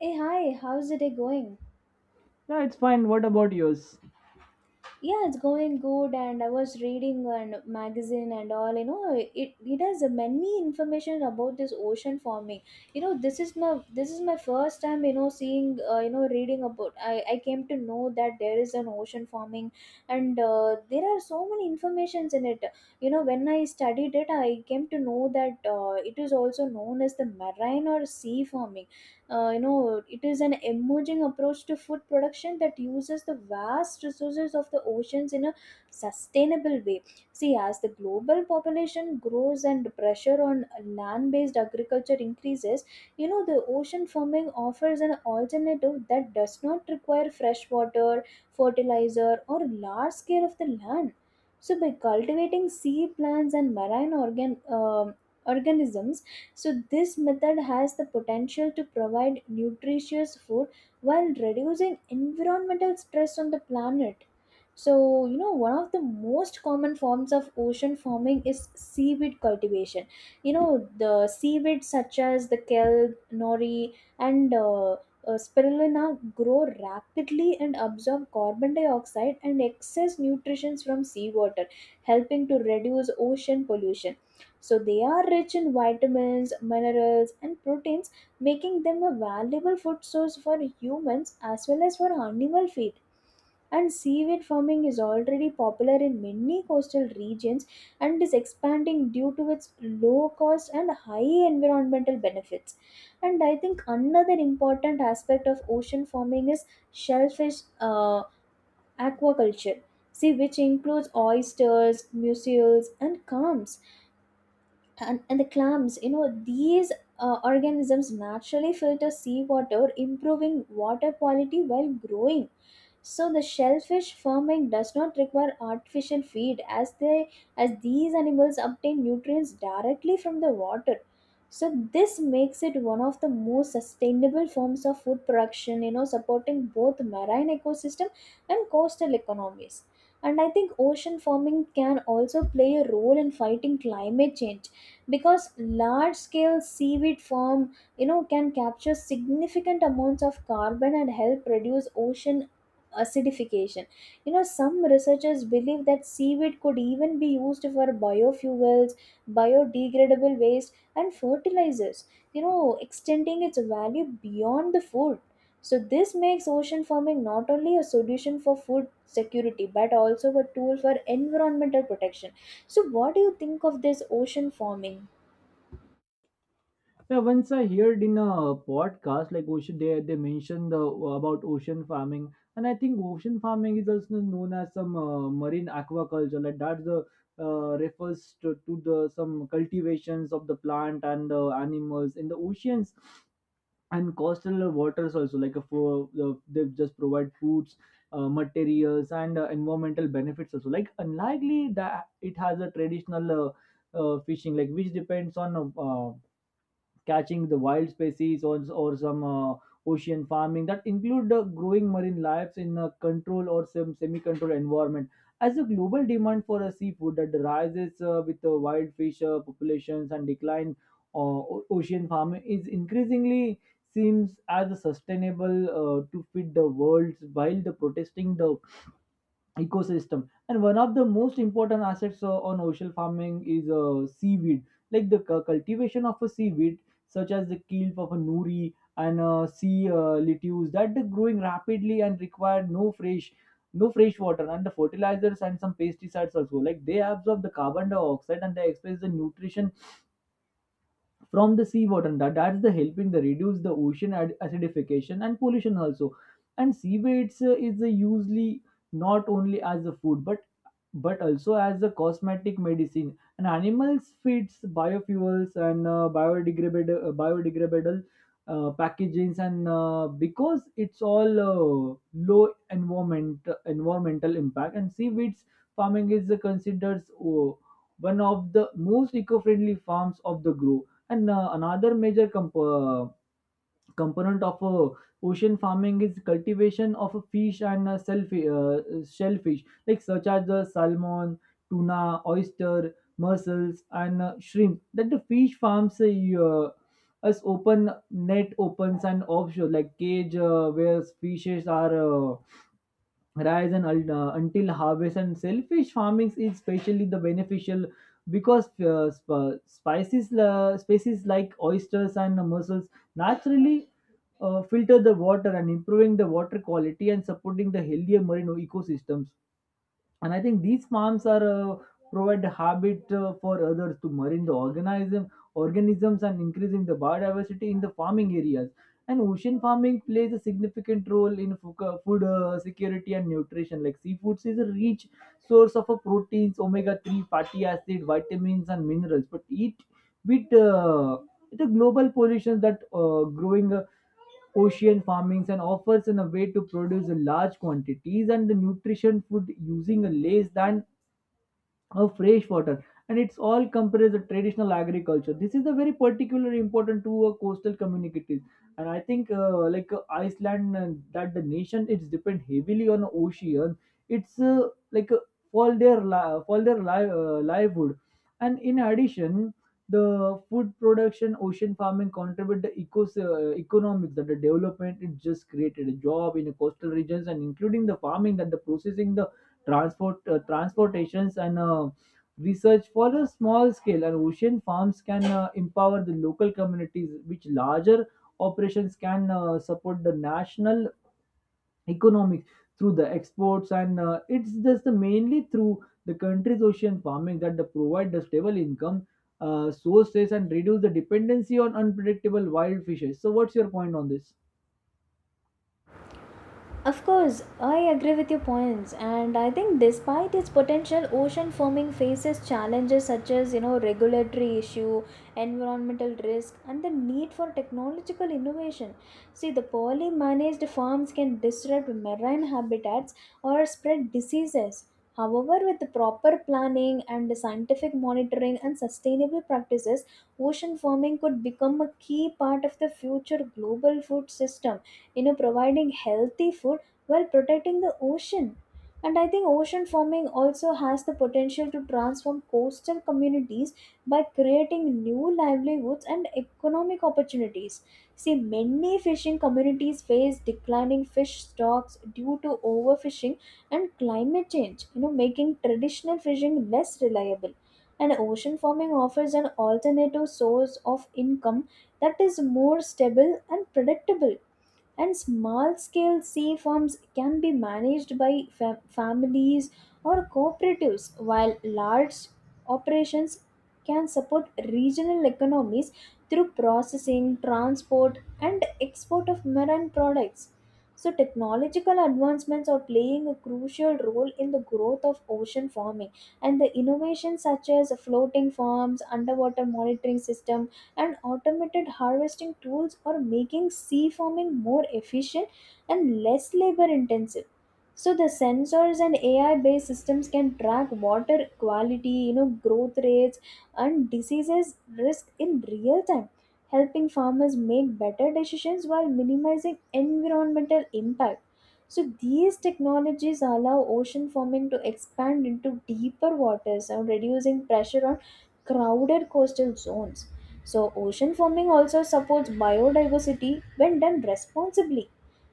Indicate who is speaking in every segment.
Speaker 1: Hey, hi, how's the day going?
Speaker 2: Yeah, it's fine. What about yours?
Speaker 1: Yeah, it's going good, and I was reading a magazine and all. It, it has many information about this ocean forming. You know, this is my this is my first time. Seeing reading about. I came to know that there is an ocean forming, and there are so many informations in it. You know, when I studied it, I came to know that it is also known as the marine or sea forming. It is an emerging approach to food production that uses the vast resources of the oceans in a sustainable way. See, as the global population grows and pressure on land based agriculture increases, the ocean farming offers an alternative that does not require fresh water, fertilizer, or large scale of the land. So by cultivating sea plants and marine organisms, so this method has the potential to provide nutritious food while reducing environmental stress on the planet. So, one of the most common forms of ocean farming is seaweed cultivation. You know, the seaweed such as the kelp, nori, and spirulina grow rapidly and absorb carbon dioxide and excess nutrients from seawater, helping to reduce ocean pollution. So they are rich in vitamins, minerals, and proteins, making them a valuable food source for humans as well as for animal feed. And seaweed farming is already popular in many coastal regions and is expanding due to its low cost and high environmental benefits. And I think another important aspect of ocean farming is shellfish uh, aquaculture. See, which includes oysters, mussels, and clams and the clams. These organisms naturally filter seawater, improving water quality while growing. So the shellfish farming does not require artificial feed, as they as these animals obtain nutrients directly from the water. So this makes it one of the most sustainable forms of food production, supporting both marine ecosystem and coastal economies. And I think ocean farming can also play a role in fighting climate change, because large scale seaweed farm, can capture significant amounts of carbon and help reduce ocean acidification. Some researchers believe that seaweed could even be used for biofuels, biodegradable waste, and fertilizers, extending its value beyond the food. So this makes ocean farming not only a solution for food security but also a tool for environmental protection. So, what do you think of this ocean forming?
Speaker 2: Yeah, once I heard in a podcast like ocean, they mentioned about ocean farming, and I think ocean farming is also known as some marine aquaculture. Like that's the refers to the some cultivations of the plant and the animals in the oceans. And coastal waters also like a for they just provide foods materials and environmental benefits also like unlikely that it has a traditional fishing like which depends on catching the wild species or some ocean farming that include growing marine lives in a control or some semi-controlled environment as the global demand for a seafood that rises with the wild fish populations and decline ocean farming is increasingly seems as a sustainable to feed the world while the protesting the ecosystem. And one of the most important assets on ocean farming is seaweed, like the cultivation of a seaweed such as the kelp of a nuri and sea lettuce that are growing rapidly and require no fresh water and the fertilizers and some pesticides also, like they absorb the carbon dioxide and they express the nutrition from the seawater, and that's the helping the reduce the ocean acidification and pollution also. And seaweeds is a usually not only as a food but also as a cosmetic, medicine and animals feeds, biofuels and biodegradable packagings, and because it's all low environmental impact. And seaweeds farming is considered one of the most eco-friendly farms of the globe. And another major component of ocean farming is cultivation of fish and shellfish, like such as the salmon, tuna, oyster, mussels, and shrimp. That the fish farms us open net opens and offshore, like cage where fishes are. Rise and until harvest. And selfish farming is especially the beneficial because sp- spices species like oysters and mussels naturally filter the water and improving the water quality and supporting the healthier marine ecosystems. And I think these farms are provide habit for others to marine the organisms and increasing the biodiversity in the farming areas. And ocean farming plays a significant role in food security and nutrition, like seafoods is a rich source of proteins, omega 3 fatty acid, vitamins and minerals, but eat with it's a global pollution that growing ocean farmings and offers in a way to produce large quantities and the nutrition food using less than of fresh water, and it's all compares the traditional agriculture. This is a very particular important to a coastal communities. And I think like Iceland, and that the nation it's depend heavily on ocean, it's like for their livelihood. And in addition, the food production ocean farming contribute the economics, that the development it just created a job in the coastal regions, and including the farming that the processing the transportations, and research for a small scale. And ocean farms can empower the local communities, which larger operations can support the national economics through the exports. And it's just the mainly through the country's ocean farming that they provide the stable income sources and reduce the dependency on unpredictable wild fishes. So what's your point on this?
Speaker 1: Of course, I agree with your points, and I think despite its potential, ocean farming faces challenges such as, regulatory issue, environmental risk, and the need for technological innovation. See, the poorly managed farms can disrupt marine habitats or spread diseases. However, with the proper planning and the scientific monitoring and sustainable practices, ocean farming could become a key part of the future global food system, providing healthy food while protecting the ocean. And I think ocean farming also has the potential to transform coastal communities by creating new livelihoods and economic opportunities. See, many fishing communities face declining fish stocks due to overfishing and climate change, making traditional fishing less reliable. And ocean farming offers an alternative source of income that is more stable and predictable. And small scale sea farms can be managed by families or cooperatives, while large operations can support regional economies through processing, transport, and export of marine products. So, technological advancements are playing a crucial role in the growth of ocean farming, and the innovations such as floating farms, underwater monitoring system, and automated harvesting tools are making sea farming more efficient and less labor intensive. So the sensors and AI based systems can track water quality, growth rates, and diseases risk in real time, helping farmers make better decisions while minimizing environmental impact. So these technologies allow ocean farming to expand into deeper waters and reducing pressure on crowded coastal zones. So, ocean farming also supports biodiversity when done responsibly.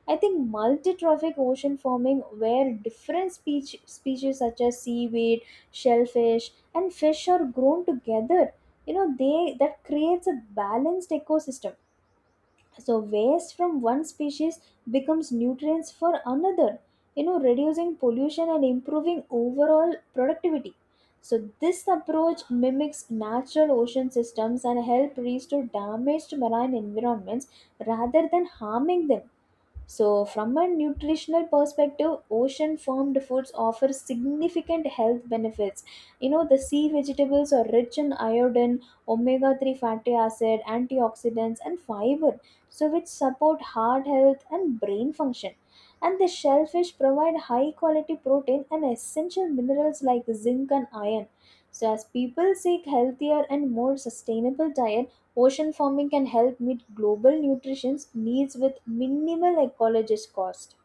Speaker 1: I think multi-trophic ocean farming, where different species such as seaweed, shellfish, and fish are grown together, they that creates a balanced ecosystem. So, waste from one species becomes nutrients for another, reducing pollution and improving overall productivity. So, this approach mimics natural ocean systems and help restore damaged marine environments rather than harming them. So, from a nutritional perspective, ocean farmed foods offer significant health benefits. You know, the sea vegetables are rich in iodine, omega 3 fatty acid, antioxidants, and fiber, so which support heart health and brain function. And the shellfish provide high quality protein and essential minerals like zinc and iron. So as people seek healthier and more sustainable diet, ocean farming can help meet global nutrition needs with minimal ecologist cost.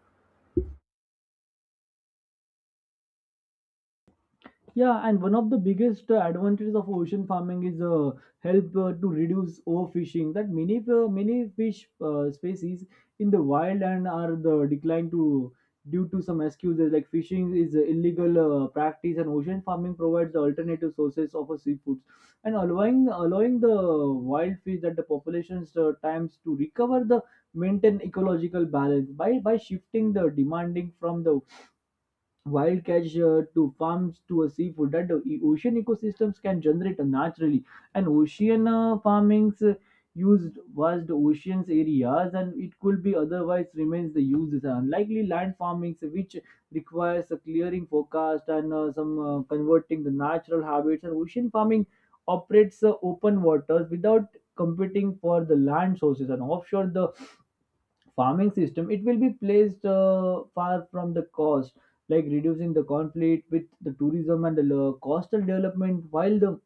Speaker 2: Yeah, and one of the biggest advantages of ocean farming is help to reduce overfishing. That many fish species in the wild and are the decline to due to some excuses, like fishing is a illegal practice, and ocean farming provides alternative sources of seafoods and allowing the wild fish that the population's times to recover the maintain ecological balance by shifting the demanding from the wild catch to farms to a seafood that the ocean ecosystems can generate naturally. And ocean farmings used vast oceans areas and it could be otherwise remains the uses, unlikely land farmings which requires a clearing forecast and some converting the natural habits. And ocean farming operates open waters without competing for the land sources, and offshore the farming system it will be placed far from the coast, like reducing the conflict with the tourism and the coastal development while the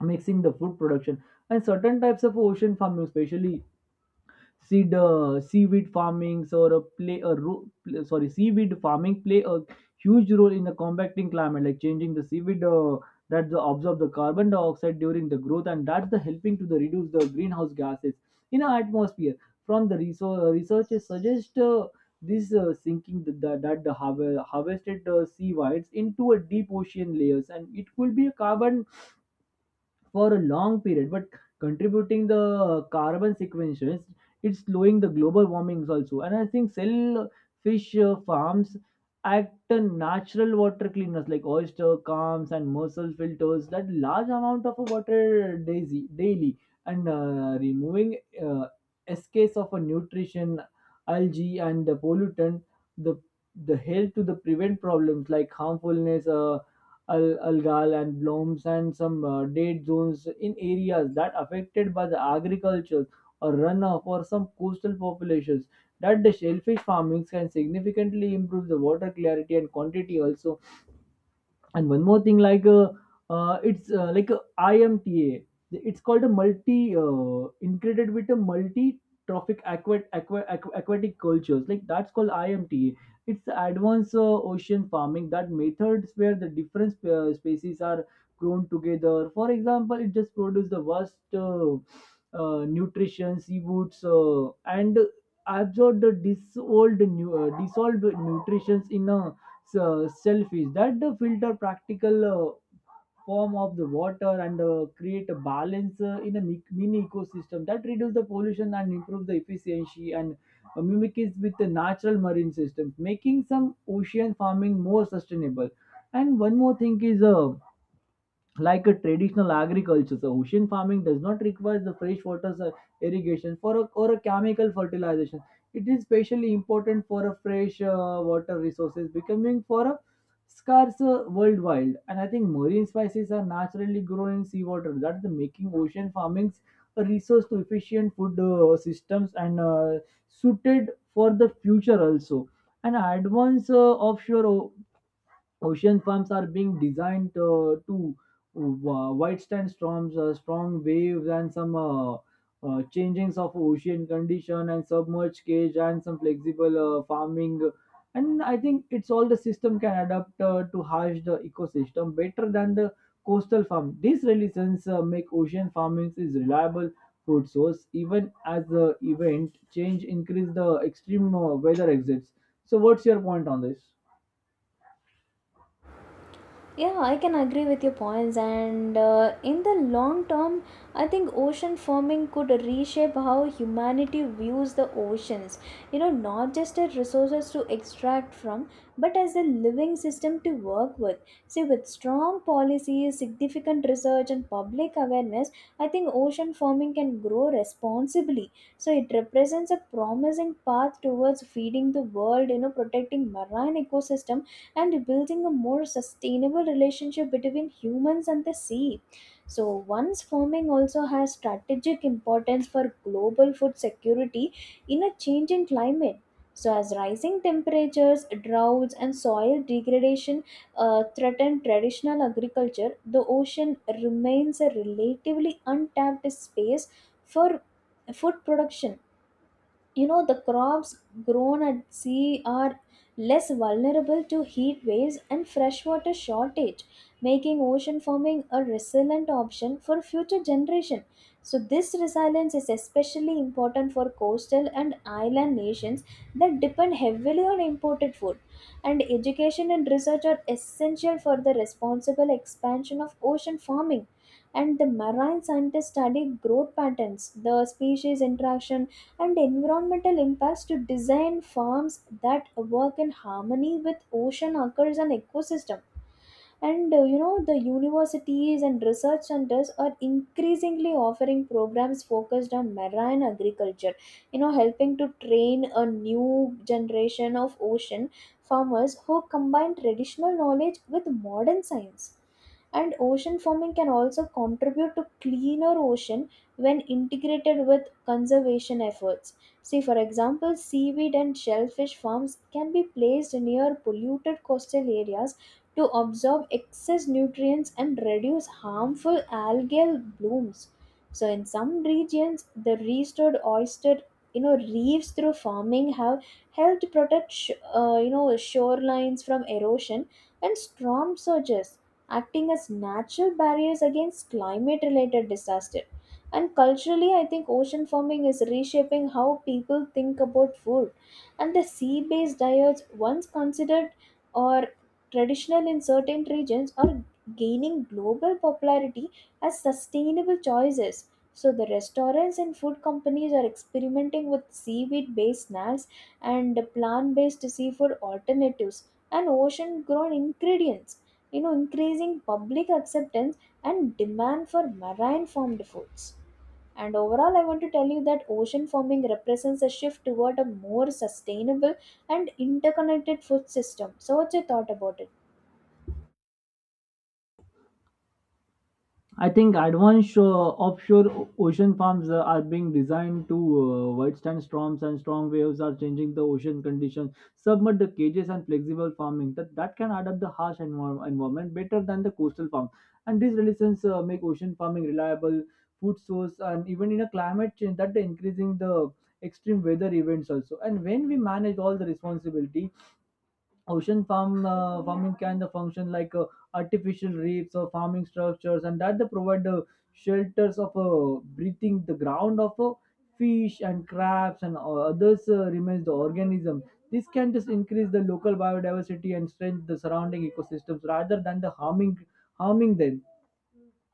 Speaker 2: mixing the food production. And certain types of ocean farming, especially seed seaweed farming or a play a ro- pl- sorry seaweed farming play a huge role in the combating climate, like changing the seaweed that absorb the carbon dioxide during the growth, and that's the helping to the reduce the greenhouse gases in our atmosphere. From the researchers suggest this sinking that the harvested sea whites into a deep ocean layers, and it could be a carbon for a long period but contributing the carbon sequestration, it's slowing the global warmings also. And I think cell fish farms act a natural water cleaners, like oyster calms and mussel filters that large amount of water daisy daily, and removing uh, escapes of a nutrition algae and the pollutant, the the help to the prevent problems like harmfulness algal and blooms and some dead zones in areas that affected by the agriculture or runoff or some coastal populations, that the shellfish farming can significantly improve the water clarity and quantity also. And one more thing, like it's like a IMTA, it's called a multi integrated with a multi trophic aquatic cultures, like that's called IMTA. It's advanced ocean farming that methods where the species are grown together. For example, it just produce the vast nutrition seafoods and absorb the dissolved nutritions in a so selfish that the filter practical form of the water, and create a balance in a mini ecosystem that reduce the pollution and improve the efficiency, and mimics with the natural marine systems making some ocean farming more sustainable. And one more thing is like a traditional agriculture. So ocean farming does not require the fresh water irrigation for a, or a chemical fertilization. It is especially important for a fresh water resources becoming for a scarce worldwide. And I think marine spices are naturally grown in seawater, that's the making ocean farming a resource to efficient food systems, and suited for the future also. And advanced offshore ocean farms are being designed to withstand storms, strong waves, and some changings of ocean condition, and submerged cage and some flexible farming. And I think it's all the system can adapt to harsh the ecosystem better than the coastal farm. These relations make ocean farming is reliable food source even as the event change increase the extreme weather exits. So what's your point on this?
Speaker 1: Yeah, I can agree with your points, and in the long term, I think ocean farming could reshape how humanity views the oceans. Not just as resources to extract from, but as a living system to work with. See, with strong policies, significant research, and public awareness, I think ocean farming can grow responsibly. So, it represents a promising path towards feeding the world, protecting marine ecosystem and building a more sustainable relationship between humans and the sea. So, once farming also has strategic importance for global food security in a changing climate. So, as rising temperatures, droughts, and soil degradation threaten traditional agriculture, the ocean remains a relatively untapped space for food production. The crops grown at sea are less vulnerable to heat waves and freshwater shortage, making ocean farming a resilient option for future generations. So this resilience is especially important for coastal and island nations that depend heavily on imported food. And education and research are essential for the responsible expansion of ocean farming. And the marine scientists study growth patterns, the species interaction, and environmental impacts to design farms that work in harmony with ocean occurs and ecosystem. And the universities and research centers are increasingly offering programs focused on marine agriculture, helping to train a new generation of ocean farmers who combine traditional knowledge with modern science. And ocean farming can also contribute to cleaner ocean when integrated with conservation efforts. See, for example, seaweed and shellfish farms can be placed near polluted coastal areas to absorb excess nutrients and reduce harmful algal blooms. So, in some regions, the restored oyster reefs through farming have helped protect shorelines from erosion and storm surges, acting as natural barriers against climate related disaster. And culturally, I think ocean farming is reshaping how people think about food. And the sea based diets, once considered or traditional in certain regions, are gaining global popularity as sustainable choices. So, the restaurants and food companies are experimenting with seaweed based snacks and plant based seafood alternatives and ocean grown ingredients, increasing public acceptance and demand for marine farmed foods. And overall, I want to tell you that ocean farming represents a shift toward a more sustainable and interconnected food system. So, what's your thought about it?
Speaker 2: I think advanced offshore ocean farms are being designed to withstand storms and strong waves are changing the ocean conditions. Submit the cages and flexible farming that can adapt the harsh environment better than the coastal farm. And these relations make ocean farming reliable food source and even in a climate change that increasing the extreme weather events also. And when we manage all the responsibility, ocean farming can function like artificial reefs or farming structures, and that they provide shelters of breathing the ground of fish and crabs and others remains the organism. This can just increase the local biodiversity and strengthen the surrounding ecosystems rather than the harming them.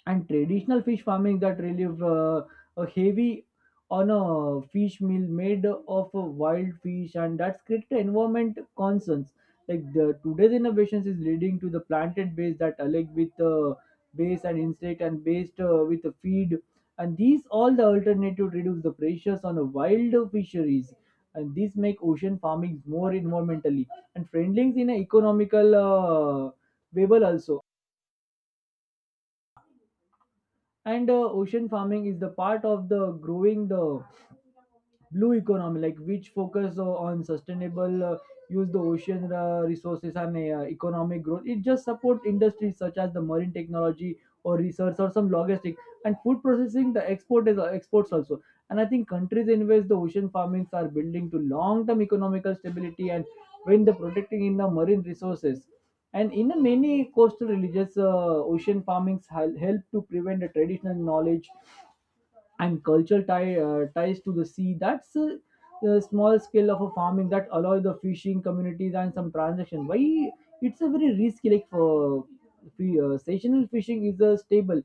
Speaker 2: And traditional fish farming that relieve a heavy on a fish meal made of a wild fish, and that's created environment concerns like the today's innovations is leading to the planted base that alike with base and insect and based with the feed. And these all the alternative reduce the pressures on the wild fisheries, and these make ocean farming more environmentally and friendly in an economical viable also. And ocean farming is the part of the growing the blue economy, like which focus on sustainable use the ocean resources and economic growth. It just support industries such as the marine technology or research or some logistics and food processing, the export is exports also. And I think countries in which the ocean farmings are building to long term economical stability and when the protecting in the marine resources. And in the many coastal religious ocean farmings help to prevent the traditional knowledge and cultural ties to the sea. That's a, the small scale of a farming that allow the fishing communities and some transaction. Why it's a very risky like for seasonal fishing is a stable,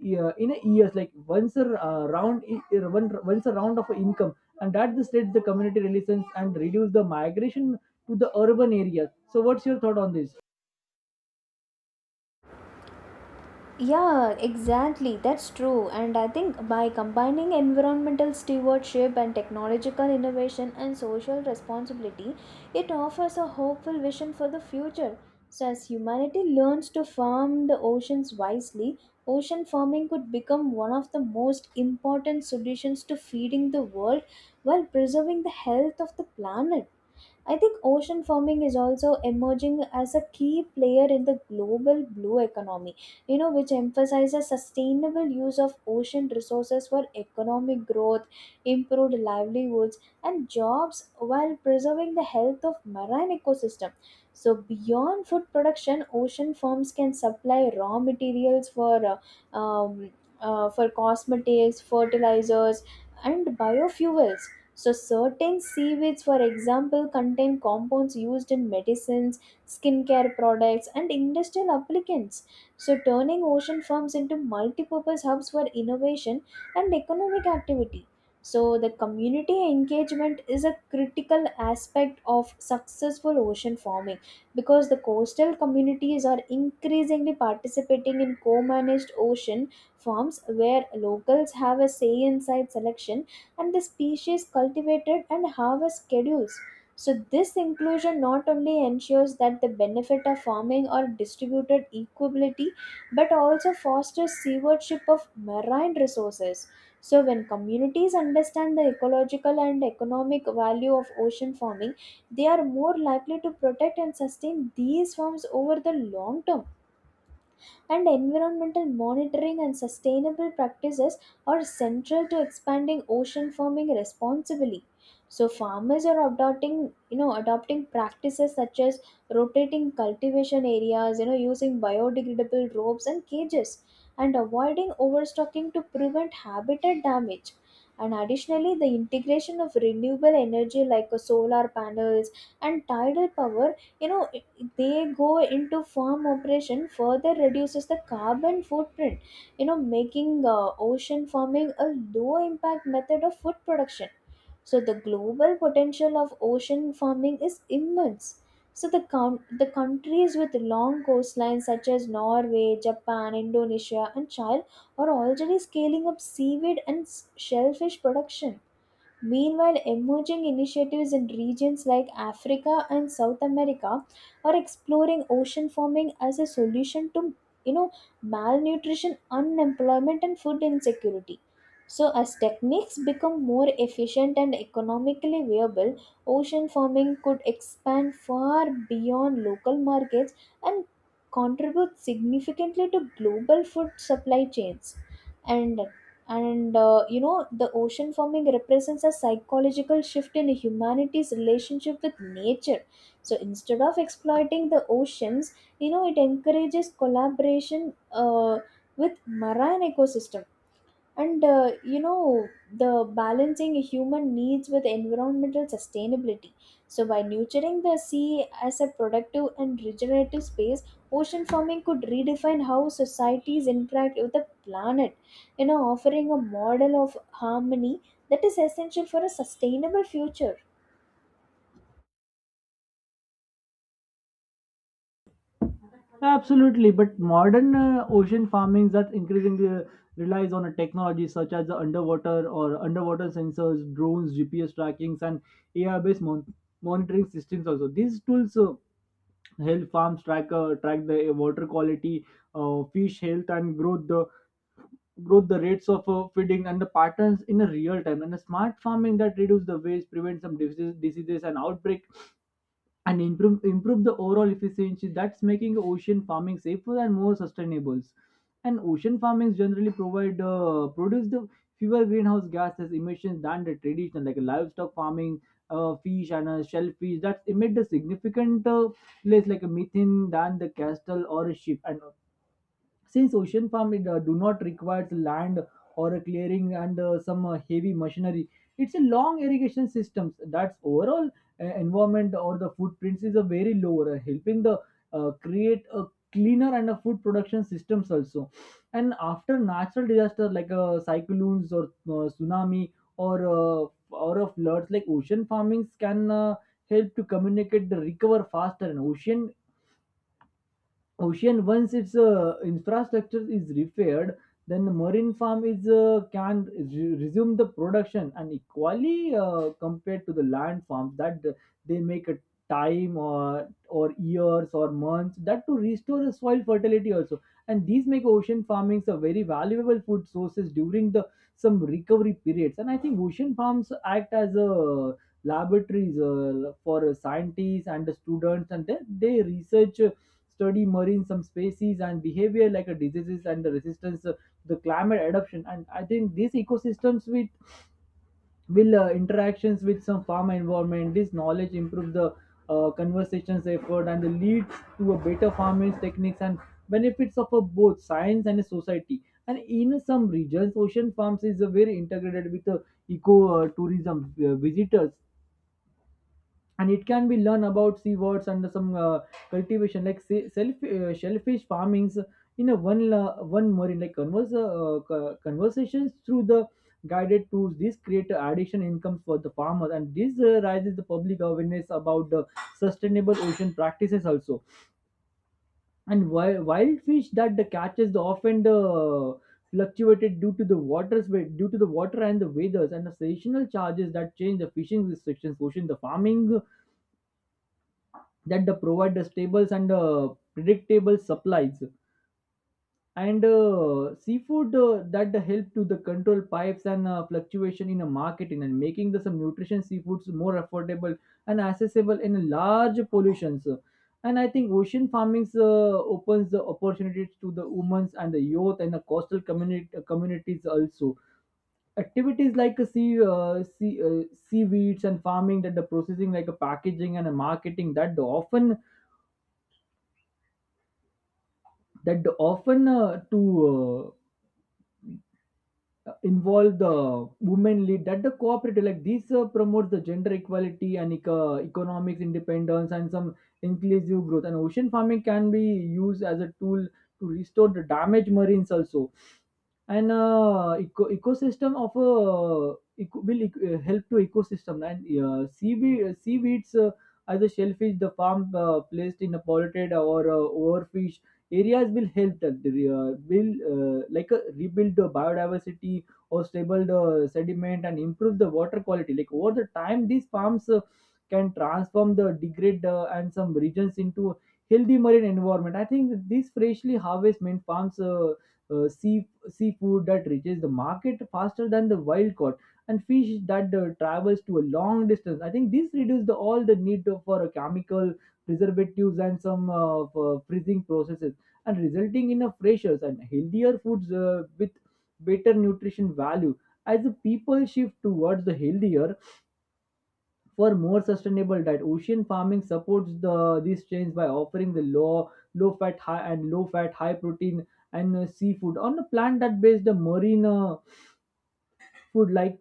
Speaker 2: yeah, in a years like once a round once a round of income, and that the state the community relations and reduce the migration to the urban areas. So what's your thought on this?
Speaker 1: Yeah, exactly. That's true. And I think by combining environmental stewardship and technological innovation and social responsibility, it offers a hopeful vision for the future. So, as humanity learns to farm the oceans wisely, ocean farming could become one of the most important solutions to feeding the world while preserving the health of the planet. I think ocean farming is also emerging as a key player in the global blue economy, which emphasizes sustainable use of ocean resources for economic growth, improved livelihoods, and jobs while preserving the health of marine ecosystem. So, beyond food production, ocean farms can supply raw materials uh, um, for cosmetics, fertilizers, and biofuels. So, certain seaweeds, for example, contain compounds used in medicines, skincare products, and industrial applicants. So, turning ocean farms into multipurpose hubs for innovation and economic activity. So, the community engagement is a critical aspect of successful ocean farming, because the coastal communities are increasingly participating in co managed ocean farms where locals have a say in site selection and the species cultivated and harvest schedules. So, this inclusion not only ensures that the benefit of farming are distributed equitably, but also fosters stewardship of marine resources. So, when communities understand the ecological and economic value of ocean farming, they are more likely to protect and sustain these farms over the long term. And environmental monitoring and sustainable practices are central to expanding ocean farming responsibly. So farmers are adopting practices such as rotating cultivation areas, using biodegradable ropes and cages, and avoiding overstocking to prevent habitat damage. And additionally, the integration of renewable energy like solar panels and tidal power, they go into farm operation further reduces the carbon footprint, making ocean farming a low impact method of food production. So the global potential of ocean farming is immense. So the the countries with long coastlines such as Norway, Japan, Indonesia, and Chile are already scaling up seaweed and shellfish production. Meanwhile, emerging initiatives in regions like Africa and South America are exploring ocean farming as a solution to, you know malnutrition, unemployment, and food insecurity. So, as techniques become more efficient and economically viable, ocean farming could expand far beyond local markets and contribute significantly to global food supply chains. And and the ocean farming represents a psychological shift in humanity's relationship with nature. So instead of exploiting the oceans, it encourages collaboration with marine ecosystem and, the balancing human needs with environmental sustainability. So, by nurturing the sea as a productive and regenerative space, ocean farming could redefine how societies interact with the planet, offering a model of harmony that is essential for a sustainable future.
Speaker 2: Absolutely, but modern ocean farming that increasingly relies on a technology such as the underwater or underwater sensors, drones, GPS trackings, and AI-based monitoring systems. Also, these tools help farms track the water quality, fish health, and growth. The the rates of feeding, and the patterns in a real time. And a smart farming that reduces the waste, prevents some diseases and outbreak, and improve the overall efficiency. That's making ocean farming safer and more sustainable. And ocean farming generally provide produce the fewer greenhouse gases emissions than the traditional like livestock farming. Uh, fish and shellfish that emit a significant less like a methane than the castle or a ship. And since ocean farm do not requires land or a clearing and some heavy machinery, it's a long irrigation systems. That's overall environment or the footprints is a very lower, helping the create a cleaner and a food production systems also. And after natural disaster like cyclones or tsunami or a floods, like ocean farmings can help to communicate the recover faster. And ocean once its infrastructure is repaired, then the marine farm is can resume the production, and equally compared to the land farms that they make a time or years or months that to restore the soil fertility also. And these make ocean farmings a very valuable food sources during the some recovery periods. And I think ocean farms act as a laboratories for scientists and the students, and they research study marine some species and behavior like a diseases and the resistance the climate adaptation. And I think these ecosystems with will interactions with some farm environment, this knowledge improve the conversations effort and leads to a better farming techniques and benefits of both science and society. And in some regions ocean farms is very integrated with eco tourism. Uh, visitors and it can be learn about seawards and some cultivation like self shellfish farmings in a one marine like conversations through the guided tours. These create additional incomes for the farmers, and this raises the public awareness about the sustainable ocean practices also. And wild fish that the catches the often the fluctuated due to the waters due to the water and the weathers and the seasonal charges that change the fishing restrictions, ocean the farming that the provide the stable and predictable supplies and seafood that the help to the control pipes and fluctuation in the marketing, and making the some nutrition seafoods more affordable and accessible in large pollutions. And I think ocean farming opens the opportunities to the women and the youth and the coastal communities also. Activities like a seaweeds and farming that the processing like a packaging and a marketing that the often that often to involve the women lead that the cooperative, like this promotes the gender equality and economics independence and some inclusive growth. And ocean farming can be used as a tool to restore the damaged marines also. And ecosystem of a help to ecosystem and seaweeds as a shellfish, the farm placed in a polluted or overfished areas will help that the, will like rebuild the biodiversity or stable the sediment and improve the water quality, like over the time these farms can transform the degrade and some regions into healthy marine environment. I think that these freshly harvested mint farms seafood that reaches the market faster than the wild caught and fish that travels to a long distance. I think this reduces the, all the need for a chemical preservatives and some for freezing processes, and resulting in a fresher and healthier foods with better nutrition value. As the people shift towards the healthier for more sustainable diet, ocean farming supports the this change by offering the low fat high protein and seafood on a plant that based the marine food like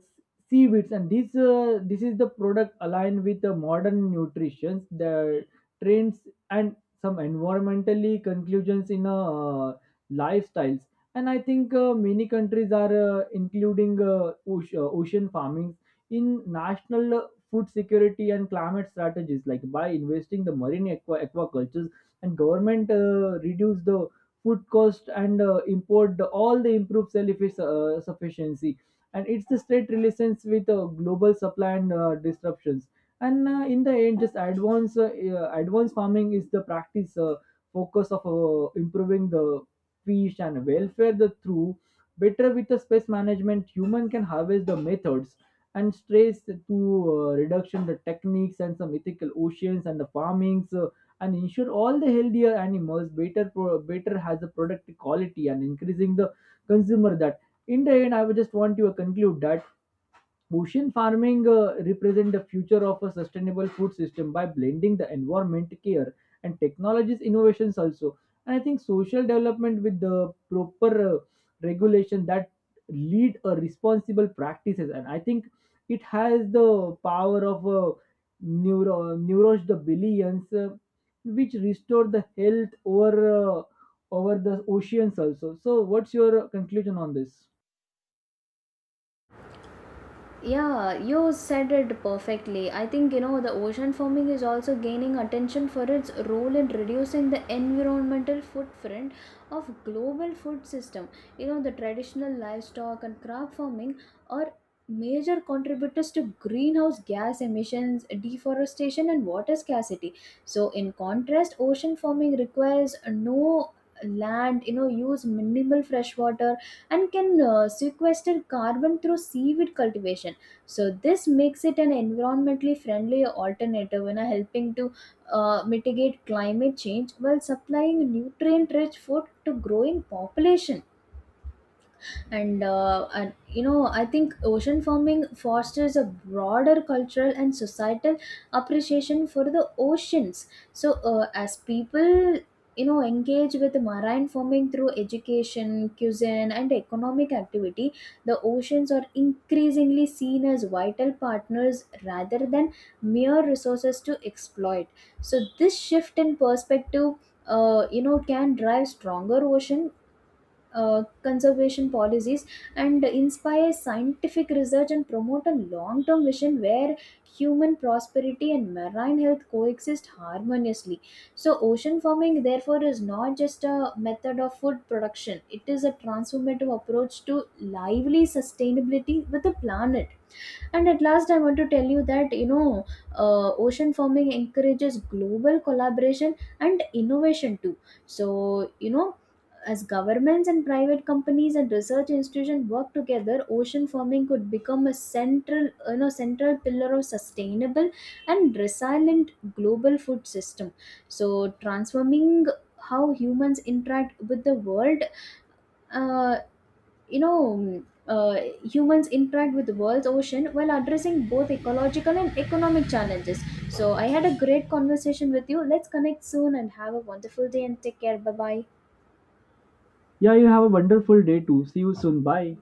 Speaker 2: seaweeds, and this is the product aligned with the modern nutrition the trends and some environmentally conclusions in lifestyles. And I think many countries are including ocean farming in national food security and climate strategies, like by investing the marine aquacultures, and government reduce the food cost and import the, all the improved self sufficiency, and it's the straight relations with global supply and disruptions. And in the end, just advanced farming is the practice focus of improving the fish and welfare the through better with the space management, human can harvest the methods and stress to reduction the techniques and some ethical oceans and the farmings and ensure all the healthier animals better better has a product quality and increasing the consumer that in the end, I would just want to conclude that ocean farming represent the future of a sustainable food system by blending the environment care and technologies innovations also. And I think social development with the proper regulation that lead a responsible practices. And I think it has the power of neuros the billions, which restore the health over over the oceans also. So, what's your conclusion on this?
Speaker 1: Yeah, you said it perfectly. I think the ocean farming is also gaining attention for its role in reducing the environmental footprint of global food system. The traditional livestock and crop farming are major contributors to greenhouse gas emissions, deforestation, and water scarcity. So in contrast, ocean farming requires no land, use minimal fresh water and can sequester carbon through seaweed cultivation. So this makes it an environmentally friendly alternative and helping to mitigate climate change while supplying nutrient rich food to growing population. And, I think ocean farming fosters a broader cultural and societal appreciation for the oceans. So as people, engage with marine farming through education, cuisine, and economic activity, the oceans are increasingly seen as vital partners rather than mere resources to exploit. So this shift in perspective, can drive stronger ocean conservation policies and inspire scientific research and promote a long term vision where human prosperity and marine health coexist harmoniously. So, ocean farming, therefore, is not just a method of food production, it is a transformative approach to lively sustainability with the planet. And at last, I want to tell you that, ocean farming encourages global collaboration and innovation too. So, as governments and private companies and research institutions work together, ocean farming could become a central pillar of sustainable and resilient global food system. So transforming how humans interact with the world, uh, you know um, uh, humans interact with the world's ocean while addressing both ecological and economic challenges. So I had a great conversation with you. Let's connect soon and have a wonderful day and take care. Bye bye.
Speaker 2: Yeah, you have a wonderful day too. See you soon. Bye.